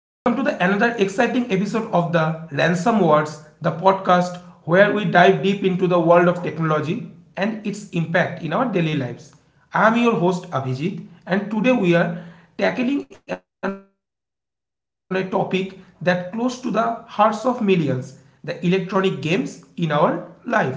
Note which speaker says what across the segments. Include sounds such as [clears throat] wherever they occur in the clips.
Speaker 1: Welcome to the another exciting episode of the Ransom Words, the podcast where we dive deep into the world of technology and its impact in our daily lives. I am your host Abhijit, and today we are tackling on a topic that close to the hearts of millions: the electronic games in our life or daily life.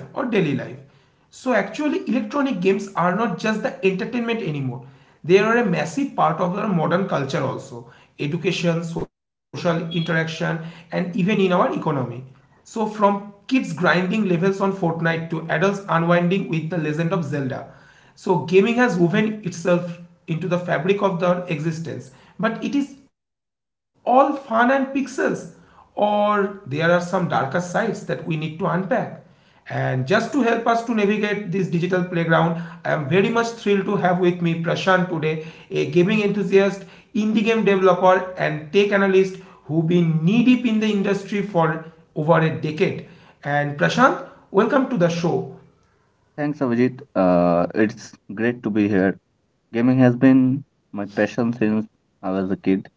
Speaker 1: So actually, electronic games are not just the entertainment anymore. They are a massive part of our modern culture also, education, social interaction, and even in our economy. So from kids grinding levels on Fortnite to adults unwinding with The Legend of Zelda. So gaming has woven itself into the fabric of their existence. But it is all fun and pixels, or there are some darker sides that we need to unpack. And just to help us to navigate this digital playground, I am very much thrilled to have with me Prashant today, a gaming enthusiast, indie game developer, and tech analyst who've been knee deep in the industry for over a decade. And Prashant, welcome to the show.
Speaker 2: Thanks, Avijit. It's great to be here. Gaming has been my passion since I was a kid,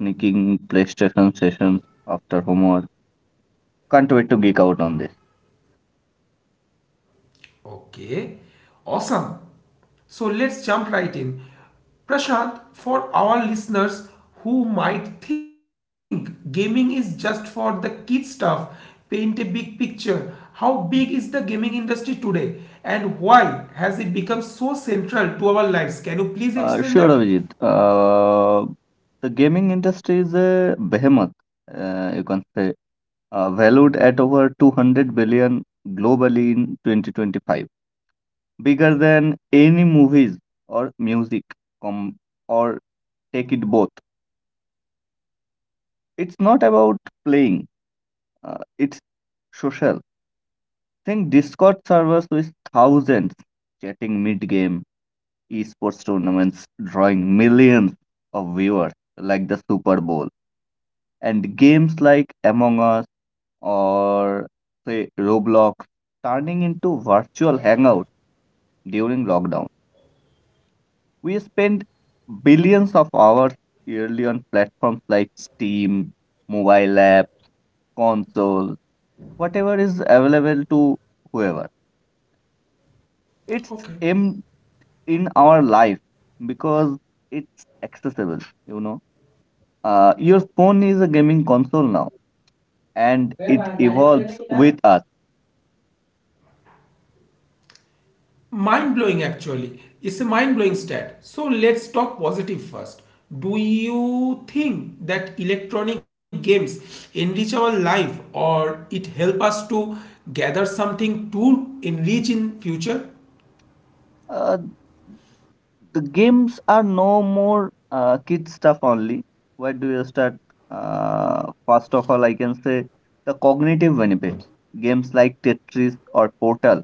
Speaker 2: sneaking PlayStation sessions after homework. Can't wait to geek out on this.
Speaker 1: Okay, awesome. So let's jump right in. Prashant, for our listeners who might think gaming is just for the kid stuff, paint a big picture. How big is the gaming industry today and why has it become so central to our lives? Can you please explain that?
Speaker 2: Sure, Avijit. The gaming industry is a behemoth, you can say, valued at over 200 billion globally in 2025, bigger than any movies or music com- or take it both. It's not about playing. It's social. Think Discord servers with thousands chatting mid-game, esports tournaments drawing millions of viewers like the Super Bowl, and games like Among Us or say Roblox turning into virtual hangout during lockdown. We spend billions of hours yearly on platforms like Steam, mobile app, console, whatever is available to whoever.
Speaker 1: Okay.
Speaker 2: It's em- in our life because it's accessible you know your phone is a gaming console now, and it evolves with us.
Speaker 1: Mind blowing, actually. It's a mind blowing stat. So let's talk positive first. Do you think that electronic games enrich our life or it help us to gather something to enrich in future?
Speaker 2: Uh, the games are no more kid stuff only. Where do you start? First of all, I can say the cognitive benefits. Games like Tetris or Portal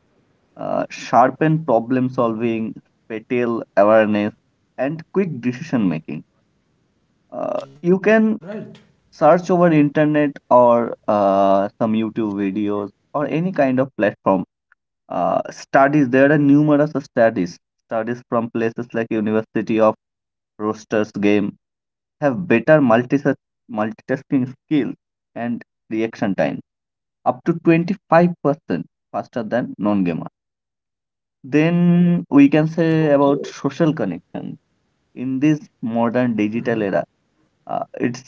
Speaker 2: sharpen problem solving, spatial awareness, and quick decision making. You
Speaker 1: Right.
Speaker 2: can search over internet or some YouTube videos or any kind of platform. Studies There are numerous studies from places like University of Roosters game have better multitasking skills and reaction time up to 25% faster than non-gamer. Then we can say
Speaker 1: Okay.
Speaker 2: about social connection. In this modern digital era, it's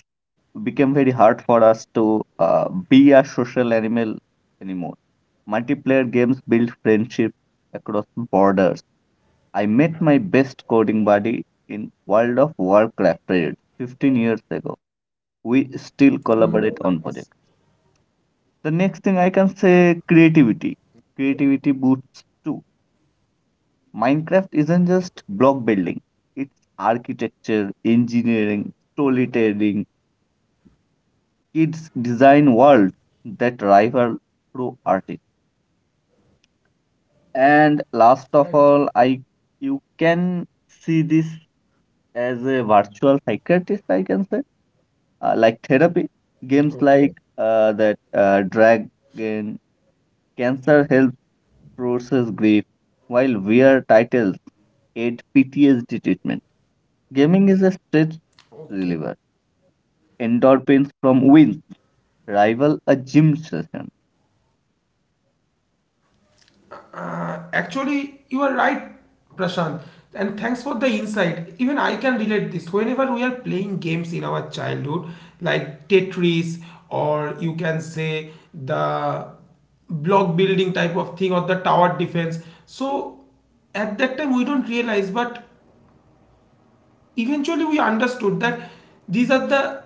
Speaker 2: became very hard for us to be a social animal anymore. Multiplayer games build friendship across borders. I met my best coding buddy in World of Warcraft raid 15 years ago. We still collaborate on projects. The next thing I can say creativity. Creativity boosts too. Minecraft isn't just block building, it's architecture, engineering, storytelling, kids design world that rival true artists. And last of
Speaker 1: Right.
Speaker 2: all, I you can see this as a virtual psychiatrist, I can say, like therapy. Games
Speaker 1: Okay.
Speaker 2: like that Dragon Cancer helps process grief, while VR titles aid PTSD treatment. Gaming is a stress
Speaker 1: Okay.
Speaker 2: reliever. Endorphins from wins rival a gym session.
Speaker 1: Actually, you are right, Prashant, and thanks for the insight. Even I can relate this. Whenever we are playing games in our childhood, like Tetris, or you can say the block building type of thing, or the tower defense. So at that time, we don't realize, but eventually we understood that these are the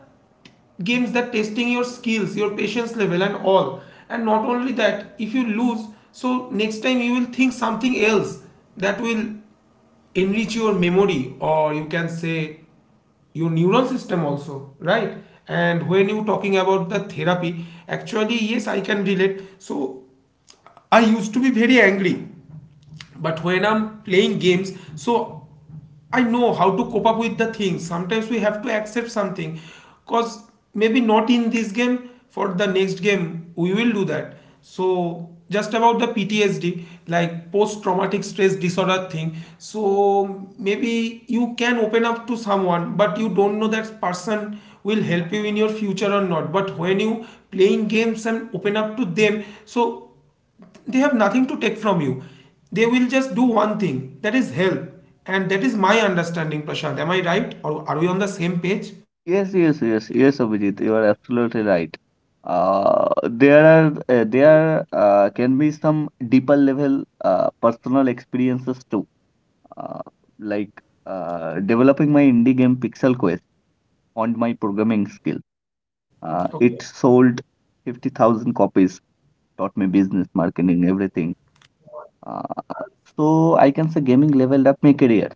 Speaker 1: games that testing your skills, your patience level, and all. And not only that, if you lose, so next time you will think something else that will enrich your memory, or you can say your neural system also, right? And when you talking about the therapy, actually, yes, I can relate. So I used to be very angry, but when I'm playing games, so I know how to cope up with the things. Sometimes we have to accept something because maybe not in this game, for the next game we will do that. So just about the PTSD, like post traumatic stress disorder thing, so maybe you can open up to someone, but you don't know that person will help you in your future or not. But when you playing games and open up to them, so they have nothing to take from you. They will just do one thing, that is help. And that is my understanding, Prashant. Am I right, or are we on the same page?
Speaker 2: Yes, yes, yes, yes, Abhijit, you are absolutely right. There can be some deeper level personal experiences too. Uh, like developing my indie game Pixel Quest honed my programming skill.
Speaker 1: Okay,
Speaker 2: It sold 50,000 copies, taught me business, marketing, everything. Uh, so I can say gaming leveled up my career.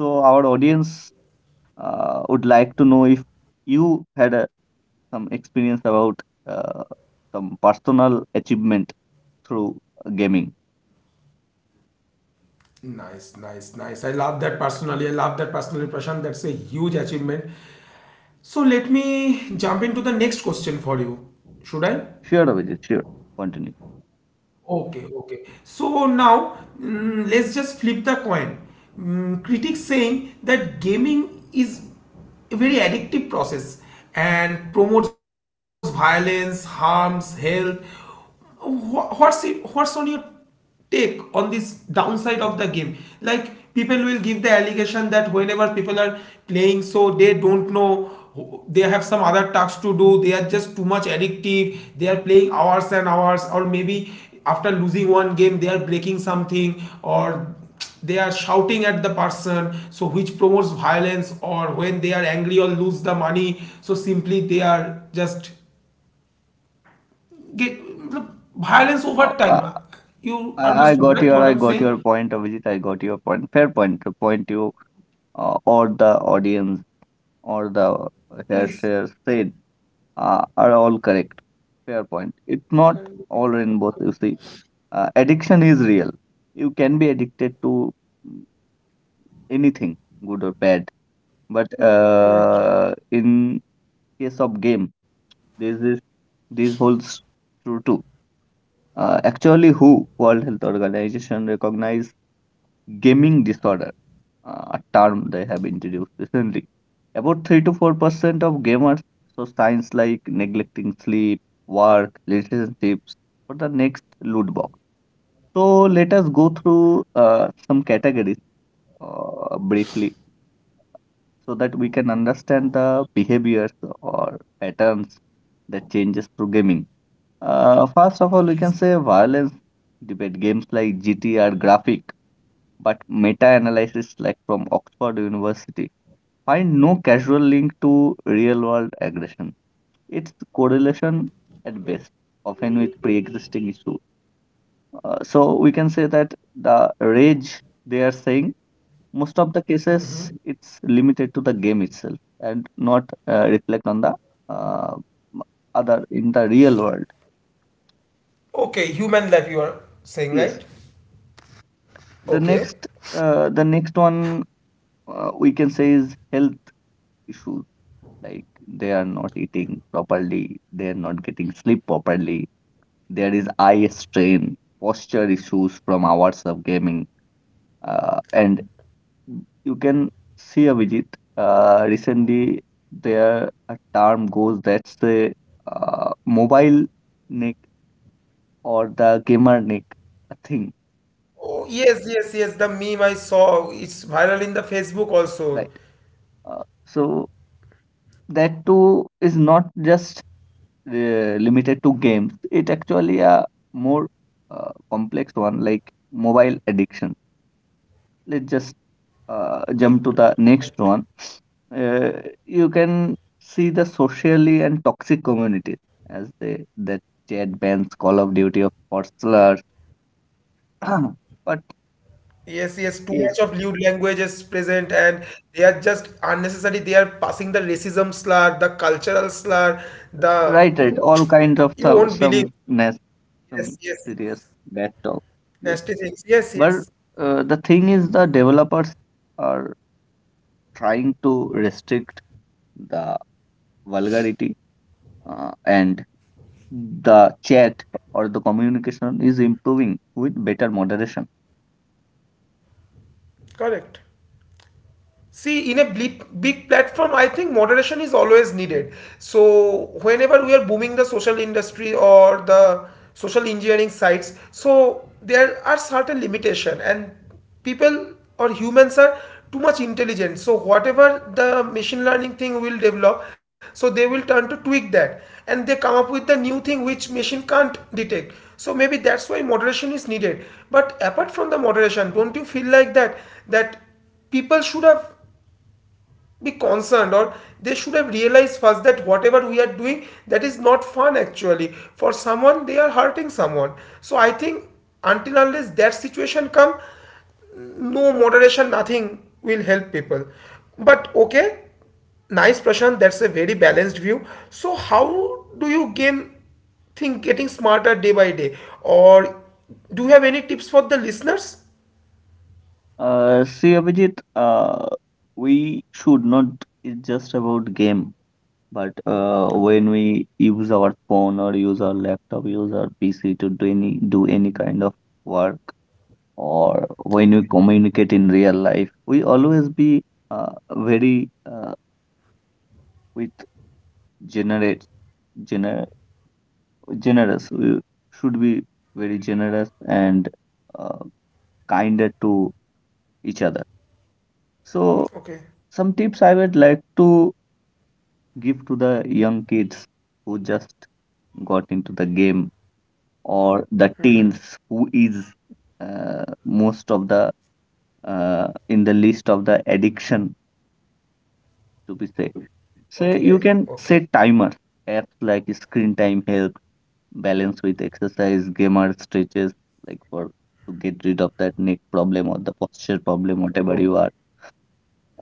Speaker 2: So our audience would like to know if you had some experience about uh, some personal achievement through gaming.
Speaker 1: nice, nice, nice. I love that personally, I love that personally, Prashant. That's a huge achievement. So let me jump into the next question for you. Should I—
Speaker 2: Sure, Abhijit, sure. Continue.
Speaker 1: Okay, okay. So now let's just flip the coin. Critics saying that gaming is a very addictive process and promotes violence, harms health. What's on your take on this downside of the game, like people will give the allegation that whenever people are playing, so they don't know they have some other tasks to do. They are just too much addictive. They are playing hours and hours, or maybe after losing one game they are breaking something, or they are shouting at the person, so which promotes violence, or when they are angry or lose the money, so simply they are just get, look, violence
Speaker 2: Uh,
Speaker 1: over
Speaker 2: uh,
Speaker 1: time. You understood, right?
Speaker 2: I
Speaker 1: What
Speaker 2: got
Speaker 1: I'm
Speaker 2: your
Speaker 1: saying?
Speaker 2: point, Abhijit. I got your point. Fair point. The point you or the audience or the hair share
Speaker 1: Yes.
Speaker 2: said are all correct. Fair point. It's not all
Speaker 1: Correct.
Speaker 2: rainbows, you see. Addiction is real. You can be addicted to mm, anything, good or bad, but
Speaker 1: Right, right.
Speaker 2: in case of game, this is this holds true too. Actually, WHO, World Health Organization, recognize gaming disorder, a term they have introduced recently. About 3 to 4% of gamers show signs like neglecting sleep, work, relationships for the next loot box. So let us go through some categories briefly so that we can understand the behaviors or patterns that changes through gaming. First of all, we can say
Speaker 1: Yes.
Speaker 2: violence debate games like GTR graphic, but meta-analysis like from Oxford University find no causal link to real-world aggression. It's correlation at best, often with pre-existing issue. So we can say that the rage they are saying, most of the cases it's limited to the game itself, and not reflect on the uh, other in the real world.
Speaker 1: Okay, human life you are saying,
Speaker 2: Yes.
Speaker 1: right?
Speaker 2: The next
Speaker 1: Okay.
Speaker 2: uh, the next one we can say is health issues. Like they are not eating properly, they are not getting sleep properly. There is eye strain, posture issues from hours of gaming, and you can see, a Vijit. Recently, there a term goes that's the mobile neck or the gamer neck, a thing,
Speaker 1: Oh, yes, yes, yes. The meme I saw, it's viral in the Facebook also.
Speaker 2: right? So that too is not just limited to games. It actually a more complex one, like mobile addiction. Let's just jump to the
Speaker 1: Right.
Speaker 2: next one. Uh, you can see the socially and toxic communities as they that chat bans Call
Speaker 1: Okay.
Speaker 2: of Duty, of course slurs. [clears throat] But
Speaker 1: Yes, yes. Too much of lewd language
Speaker 2: yes,
Speaker 1: is present, and they are just unnecessary. They are passing the racism slur, the cultural slur, the—
Speaker 2: right, right.
Speaker 1: you
Speaker 2: All
Speaker 1: won't
Speaker 2: kinds of
Speaker 1: believe. Yes, yes,
Speaker 2: some
Speaker 1: yes.
Speaker 2: serious bad talk.
Speaker 1: ST6.
Speaker 2: Yes,
Speaker 1: Yes, yes.
Speaker 2: but the thing is the developers are trying to restrict the vulgarity, and the chat or the communication is improving with better moderation.
Speaker 1: Correct. See, in a big platform, I think moderation is always needed. So, whenever we are booming the social industry or the social engineering sites, so there are certain limitation, and people or humans are too much intelligent. So, whatever the machine learning thing will develop, so they will turn to tweak that, and they come up with the new thing which machine can't detect. So maybe that's why moderation is needed. But apart from the moderation, don't you feel like that people should have be concerned, or they should have realized first that whatever we are doing, that is not fun actually. For someone, they are hurting someone. So I think until unless that situation come, no moderation, nothing will help people. But okay, nice Prashant, that's a very balanced view. So how do you game think getting smarter day by day, or do you have any tips for the listeners?
Speaker 2: See, Abhijit, we should not, it's just about game, but
Speaker 1: Okay,
Speaker 2: when we use our phone or use our laptop, use our PC to do do any kind of work, or when we communicate in real life, we always be very with generate gener. Generous. We should be very generous and uh, kinder to each other. So,
Speaker 1: okay,
Speaker 2: some tips I would like to give to the young kids who just got into the game or the teens who is most of the in the list of the addiction to be safe. So
Speaker 1: okay, okay,
Speaker 2: you can
Speaker 1: okay.
Speaker 2: set timers. Apps like Screen Time help balance with exercise, gamer stretches, like for to get rid of that neck problem or the posture problem, whatever you are.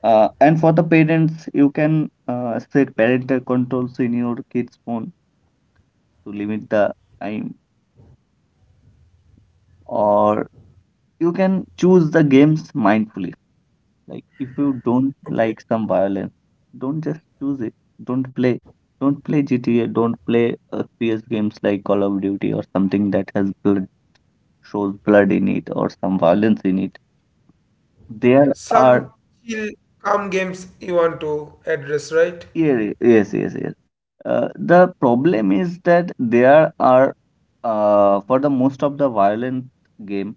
Speaker 2: And for the parents, you can set parental controls in your kids' phone to limit the time, or you can choose the games mindfully. Like, if you don't
Speaker 1: Okay.
Speaker 2: like some violence, don't just choose it. Don't play. Don't play GTA. Don't play FPS games like Call of Duty or something that has blood, shows blood in it or some violence in it. There are,
Speaker 1: Some chill, calm games you want to address, right?
Speaker 2: yeah, yes, yes, yes. The problem is that for the most of the violent game,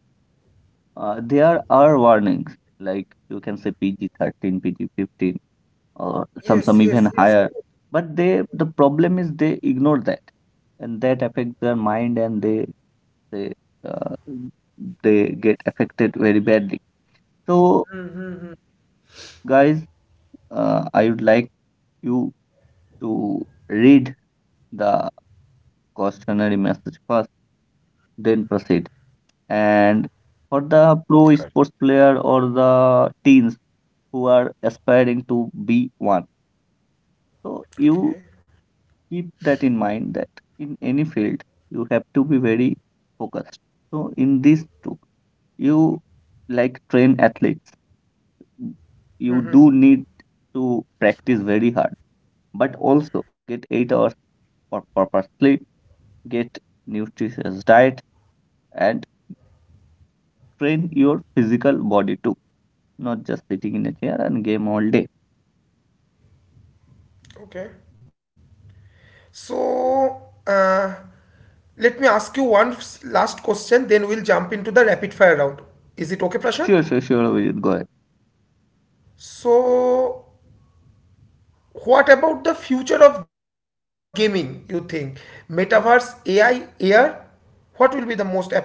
Speaker 2: there are warnings. Like you can say PG 13, PG 15, or some
Speaker 1: Yes,
Speaker 2: some even
Speaker 1: yes, yes.
Speaker 2: higher.
Speaker 1: Correct.
Speaker 2: But the problem is they ignore that, and that affects their mind, and they uh, they get affected very badly. So guys, I would like you to read the cautionary message first, then proceed. And for the pro
Speaker 1: Correct.
Speaker 2: sports player or the teens who are aspiring to be one, so you
Speaker 1: Okay.
Speaker 2: keep that in mind that in any field you have to be very focused. So in this too, you, like train athletes, you do need to practice very hard, but also get 8 hours for proper sleep, get nutritious diet, and train your physical body too, not just sitting in a chair and game all day.
Speaker 1: Okay. So, uh, let me ask you one last question, then we'll jump into the rapid fire round. Is it okay, Prashant?
Speaker 2: Sure, sure, sure, we will go ahead.
Speaker 1: So, what about the future of gaming, you think? Metaverse, AI, AR? What will be the most appropriate thing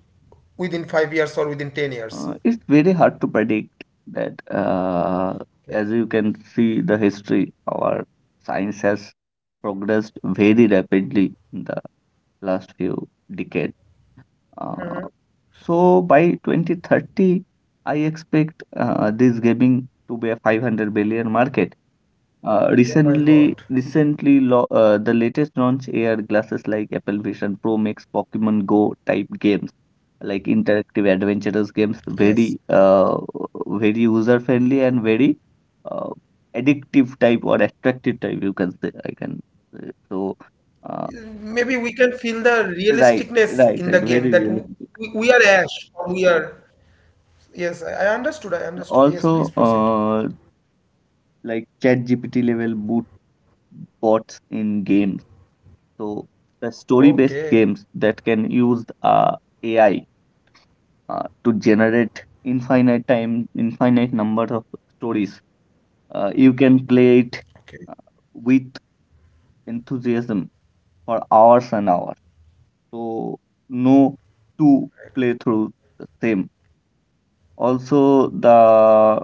Speaker 1: within 5 years or within 10 years?
Speaker 2: It's very hard to predict that. Uh,
Speaker 1: Okay.
Speaker 2: as you can see, the history, our science has progressed very rapidly in the last few decades. Uh, so by 2030, I expect this gaming to be a 500 billion market. Uh,
Speaker 1: Oh my
Speaker 2: recently,
Speaker 1: God.
Speaker 2: recently, lo- uh, the latest launch AR glasses like Apple Vision Pro makes Pokemon Go type games, like interactive adventurous games,
Speaker 1: Yes.
Speaker 2: very user friendly and very, uh, addictive type or attractive type. You can say, I can say. Uh,
Speaker 1: Maybe we can feel the
Speaker 2: right,
Speaker 1: realisticness
Speaker 2: right,
Speaker 1: in the
Speaker 2: right,
Speaker 1: game
Speaker 2: very
Speaker 1: that
Speaker 2: realistic.
Speaker 1: we are Ash, or we are— Yes, I understood. I understood. Yes, please
Speaker 2: Also,
Speaker 1: proceed.
Speaker 2: like ChatGPT level boot bots in games. So the story-based
Speaker 1: Okay.
Speaker 2: games that can use AI to generate infinite time, infinite number of stories. You can play it
Speaker 1: Okay.
Speaker 2: uh, with enthusiasm for hours and hours. So no two
Speaker 1: Correct.
Speaker 2: playthrough the same. Also, the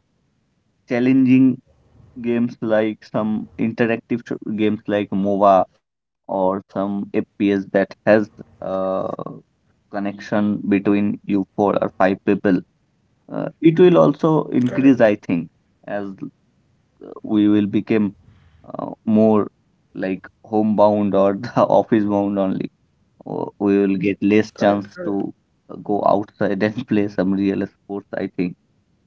Speaker 2: challenging games like games like MOBA or some FPS that has a connection between you four or five people. It will also
Speaker 1: Correct.
Speaker 2: increase, I think, as we will become more like homebound or the [laughs] office bound only. Or we will get less
Speaker 1: Correct.
Speaker 2: chance
Speaker 1: Correct.
Speaker 2: to go outside and [laughs] play some real sports, I think.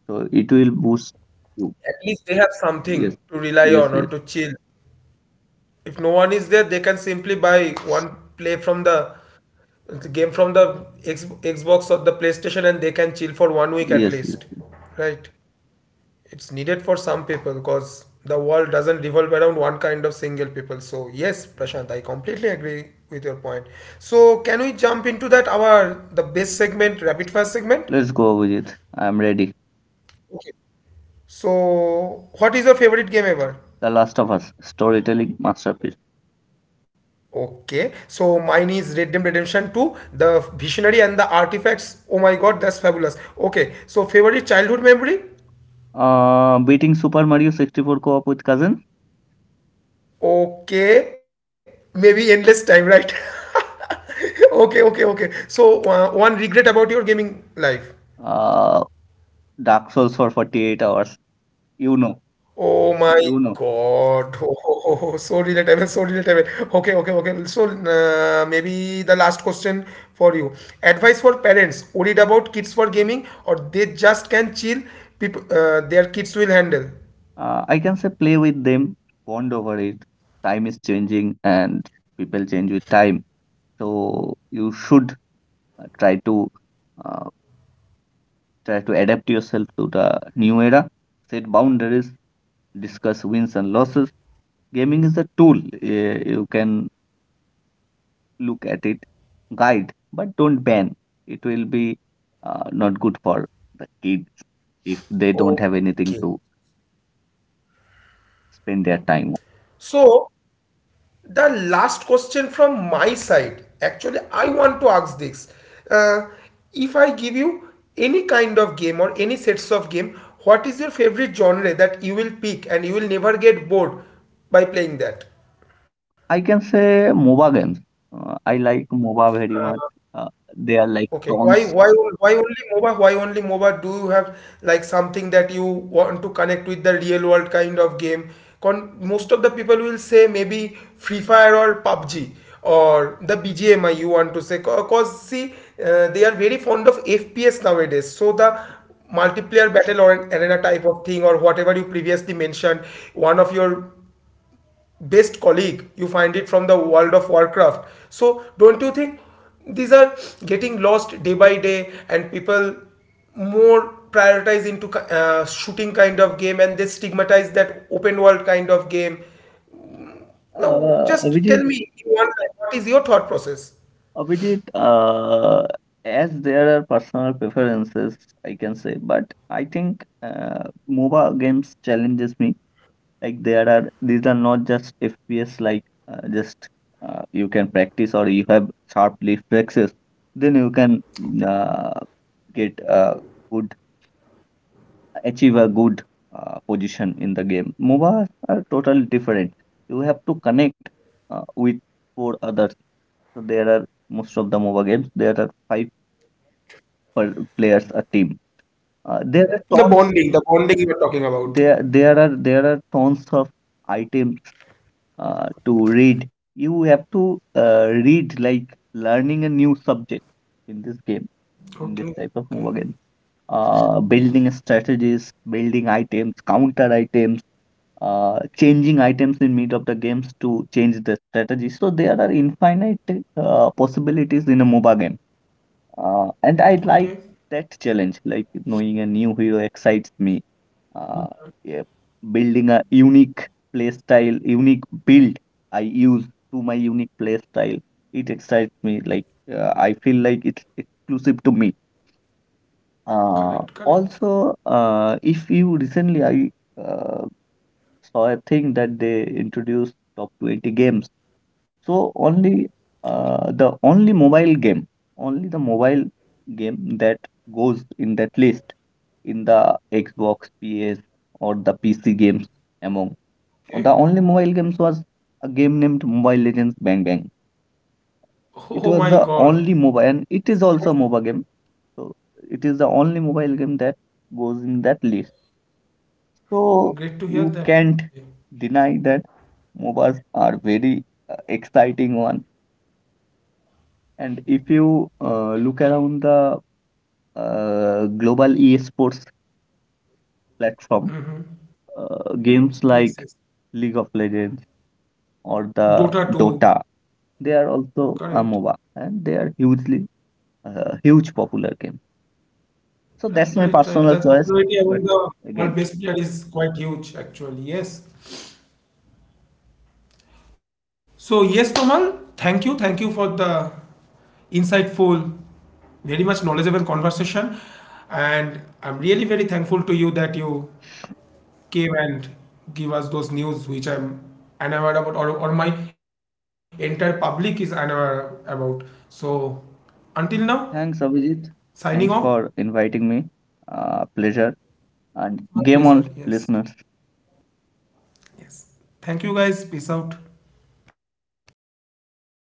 Speaker 2: So it will boost you.
Speaker 1: At least they have something
Speaker 2: Yes,
Speaker 1: to rely
Speaker 2: yes,
Speaker 1: on or
Speaker 2: yes,
Speaker 1: to chill. If no one is there, they can simply buy one play from the game from the Xbox or the PlayStation, and they can chill for one week at
Speaker 2: yes,
Speaker 1: least.
Speaker 2: yes.
Speaker 1: Right. It's needed for some people because the world doesn't revolve around one kind of single people. So yes, Prashant, I completely agree with your point. So can we jump into that, our the best segment, rapid fast segment?
Speaker 2: Let's go with it. I'm ready.
Speaker 1: Okay, so what is your favorite game ever?
Speaker 2: The Last of Us, storytelling masterpiece.
Speaker 1: Okay, so mine is Red Dead Redemption 2. The visionary and the artifacts, oh my god, that's fabulous. Okay, so favorite childhood memory.
Speaker 2: Beating Super Mario 64 co-op with cousin.
Speaker 1: Okay, maybe endless time, right? [laughs] Okay, okay, okay. So, one regret about your gaming life.
Speaker 2: Uh, Dark Souls for 48 hours. You know,
Speaker 1: Oh my
Speaker 2: you know.
Speaker 1: God. [laughs] Oh, so relatable, so relatable. Okay, okay, okay. So, maybe the last question for you. Advice for parents worried about kids for gaming, or they just can chill, people, their kids will handle.
Speaker 2: I can say play with them, bond over it. Time is changing and people change with time. So you should uh, try to uh, try to adapt yourself to the new era. Set boundaries, discuss wins and losses. Gaming is a tool. You can look at it, guide, but don't ban. It will be not good for the kids if they don't have
Speaker 1: Okay.
Speaker 2: anything to spend their time on.
Speaker 1: So, the last question from my side. Actually, I want to ask this. Uh, if I give you any kind of game or any sets of game, what is your favorite genre that you will pick and you will never get bored by playing that?
Speaker 2: I can say MOBA games. I like MOBA very much. Uh, they are like
Speaker 1: Okay, why
Speaker 2: tons.
Speaker 1: why on- why only MOBA? Why only MOBA? Do you have like something that you want to connect with the real world kind of game? Con most of the people will say maybe Free Fire or PUBG or the BGMI, you want to say. Because see, they are very fond of FPS nowadays. So the multiplayer battle or an arena type of thing, or whatever you previously mentioned, one of your best colleague you find it from the World of Warcraft. So don't you think these are getting lost day by day, and people more prioritize into shooting kind of game, and they stigmatize that open world kind of game? Now
Speaker 2: Uh,
Speaker 1: just tell
Speaker 2: Abhijit,
Speaker 1: me in one line, what is your thought process?
Speaker 2: Abhijit, uh, as there are personal preferences, I can say, but I think MOBA games challenges me. Like there are these are not just FPS. Like, just you can practice or you have sharp reflexes, then you can uh, get a good achieve a good position in the game. MOBAs are totally different. You have to connect with four others. So there are most of the mobile games, there are five per players a team. There are
Speaker 1: The
Speaker 2: tons.
Speaker 1: bonding, the bonding you were talking about.
Speaker 2: There are tons of items to read. You have to read like learning a new subject in this game, in
Speaker 1: Okay,
Speaker 2: this type of
Speaker 1: okay,
Speaker 2: mobile game. Building strategies, building items, counter items, changing items in mid of the games to change the strategy. So there are infinite possibilities in a MOBA game. And I
Speaker 1: okay.
Speaker 2: like that challenge, like knowing a new hero excites me. Uh, yeah, building a unique play style, unique build I use to my unique play style. It excites me. Like, I feel like it's exclusive to me.
Speaker 1: Correct,
Speaker 2: Uh,
Speaker 1: correct.
Speaker 2: also, uh, if you recently I uh, saw a thing that they introduced top 20 games. So only the only mobile game, only the mobile game that goes in that list in the Xbox, PS, or the PC games, among
Speaker 1: Okay.
Speaker 2: the only mobile games was a game named Mobile Legends Bang Bang.
Speaker 1: Oh
Speaker 2: It
Speaker 1: my
Speaker 2: was the
Speaker 1: God.
Speaker 2: only mobile, and it is also a mobile game. So it is the only mobile game that goes in that list. So
Speaker 1: Great to hear that.
Speaker 2: you can't deny that MOBAs are very, exciting one. And if you look around the global esports platform,
Speaker 1: Mm-hmm.
Speaker 2: games
Speaker 1: Yes,
Speaker 2: like
Speaker 1: yes.
Speaker 2: League of Legends or
Speaker 1: Dota
Speaker 2: the
Speaker 1: 2,
Speaker 2: Dota, they are also a
Speaker 1: correct.
Speaker 2: MOBA, and they are hugely, huge popular game. So that's
Speaker 1: Right,
Speaker 2: my
Speaker 1: right, right.
Speaker 2: personal
Speaker 1: The
Speaker 2: choice.
Speaker 1: popularity
Speaker 2: But
Speaker 1: among the
Speaker 2: again,
Speaker 1: world-based player is quite huge, actually. Yes. So, yes, Tomal, thank you. Thank you for the insightful, very much knowledgeable conversation. And I'm really very thankful to you that you came and give us those news which I'm unaware about, or my entire public is unaware about. So, until now,
Speaker 2: thanks, Abhijit.
Speaker 1: signing off.
Speaker 2: Thanks for inviting me. Pleasure and
Speaker 1: My
Speaker 2: game
Speaker 1: pleasure.
Speaker 2: on,
Speaker 1: Yes.
Speaker 2: listeners.
Speaker 1: Yes. Thank you guys. Peace out.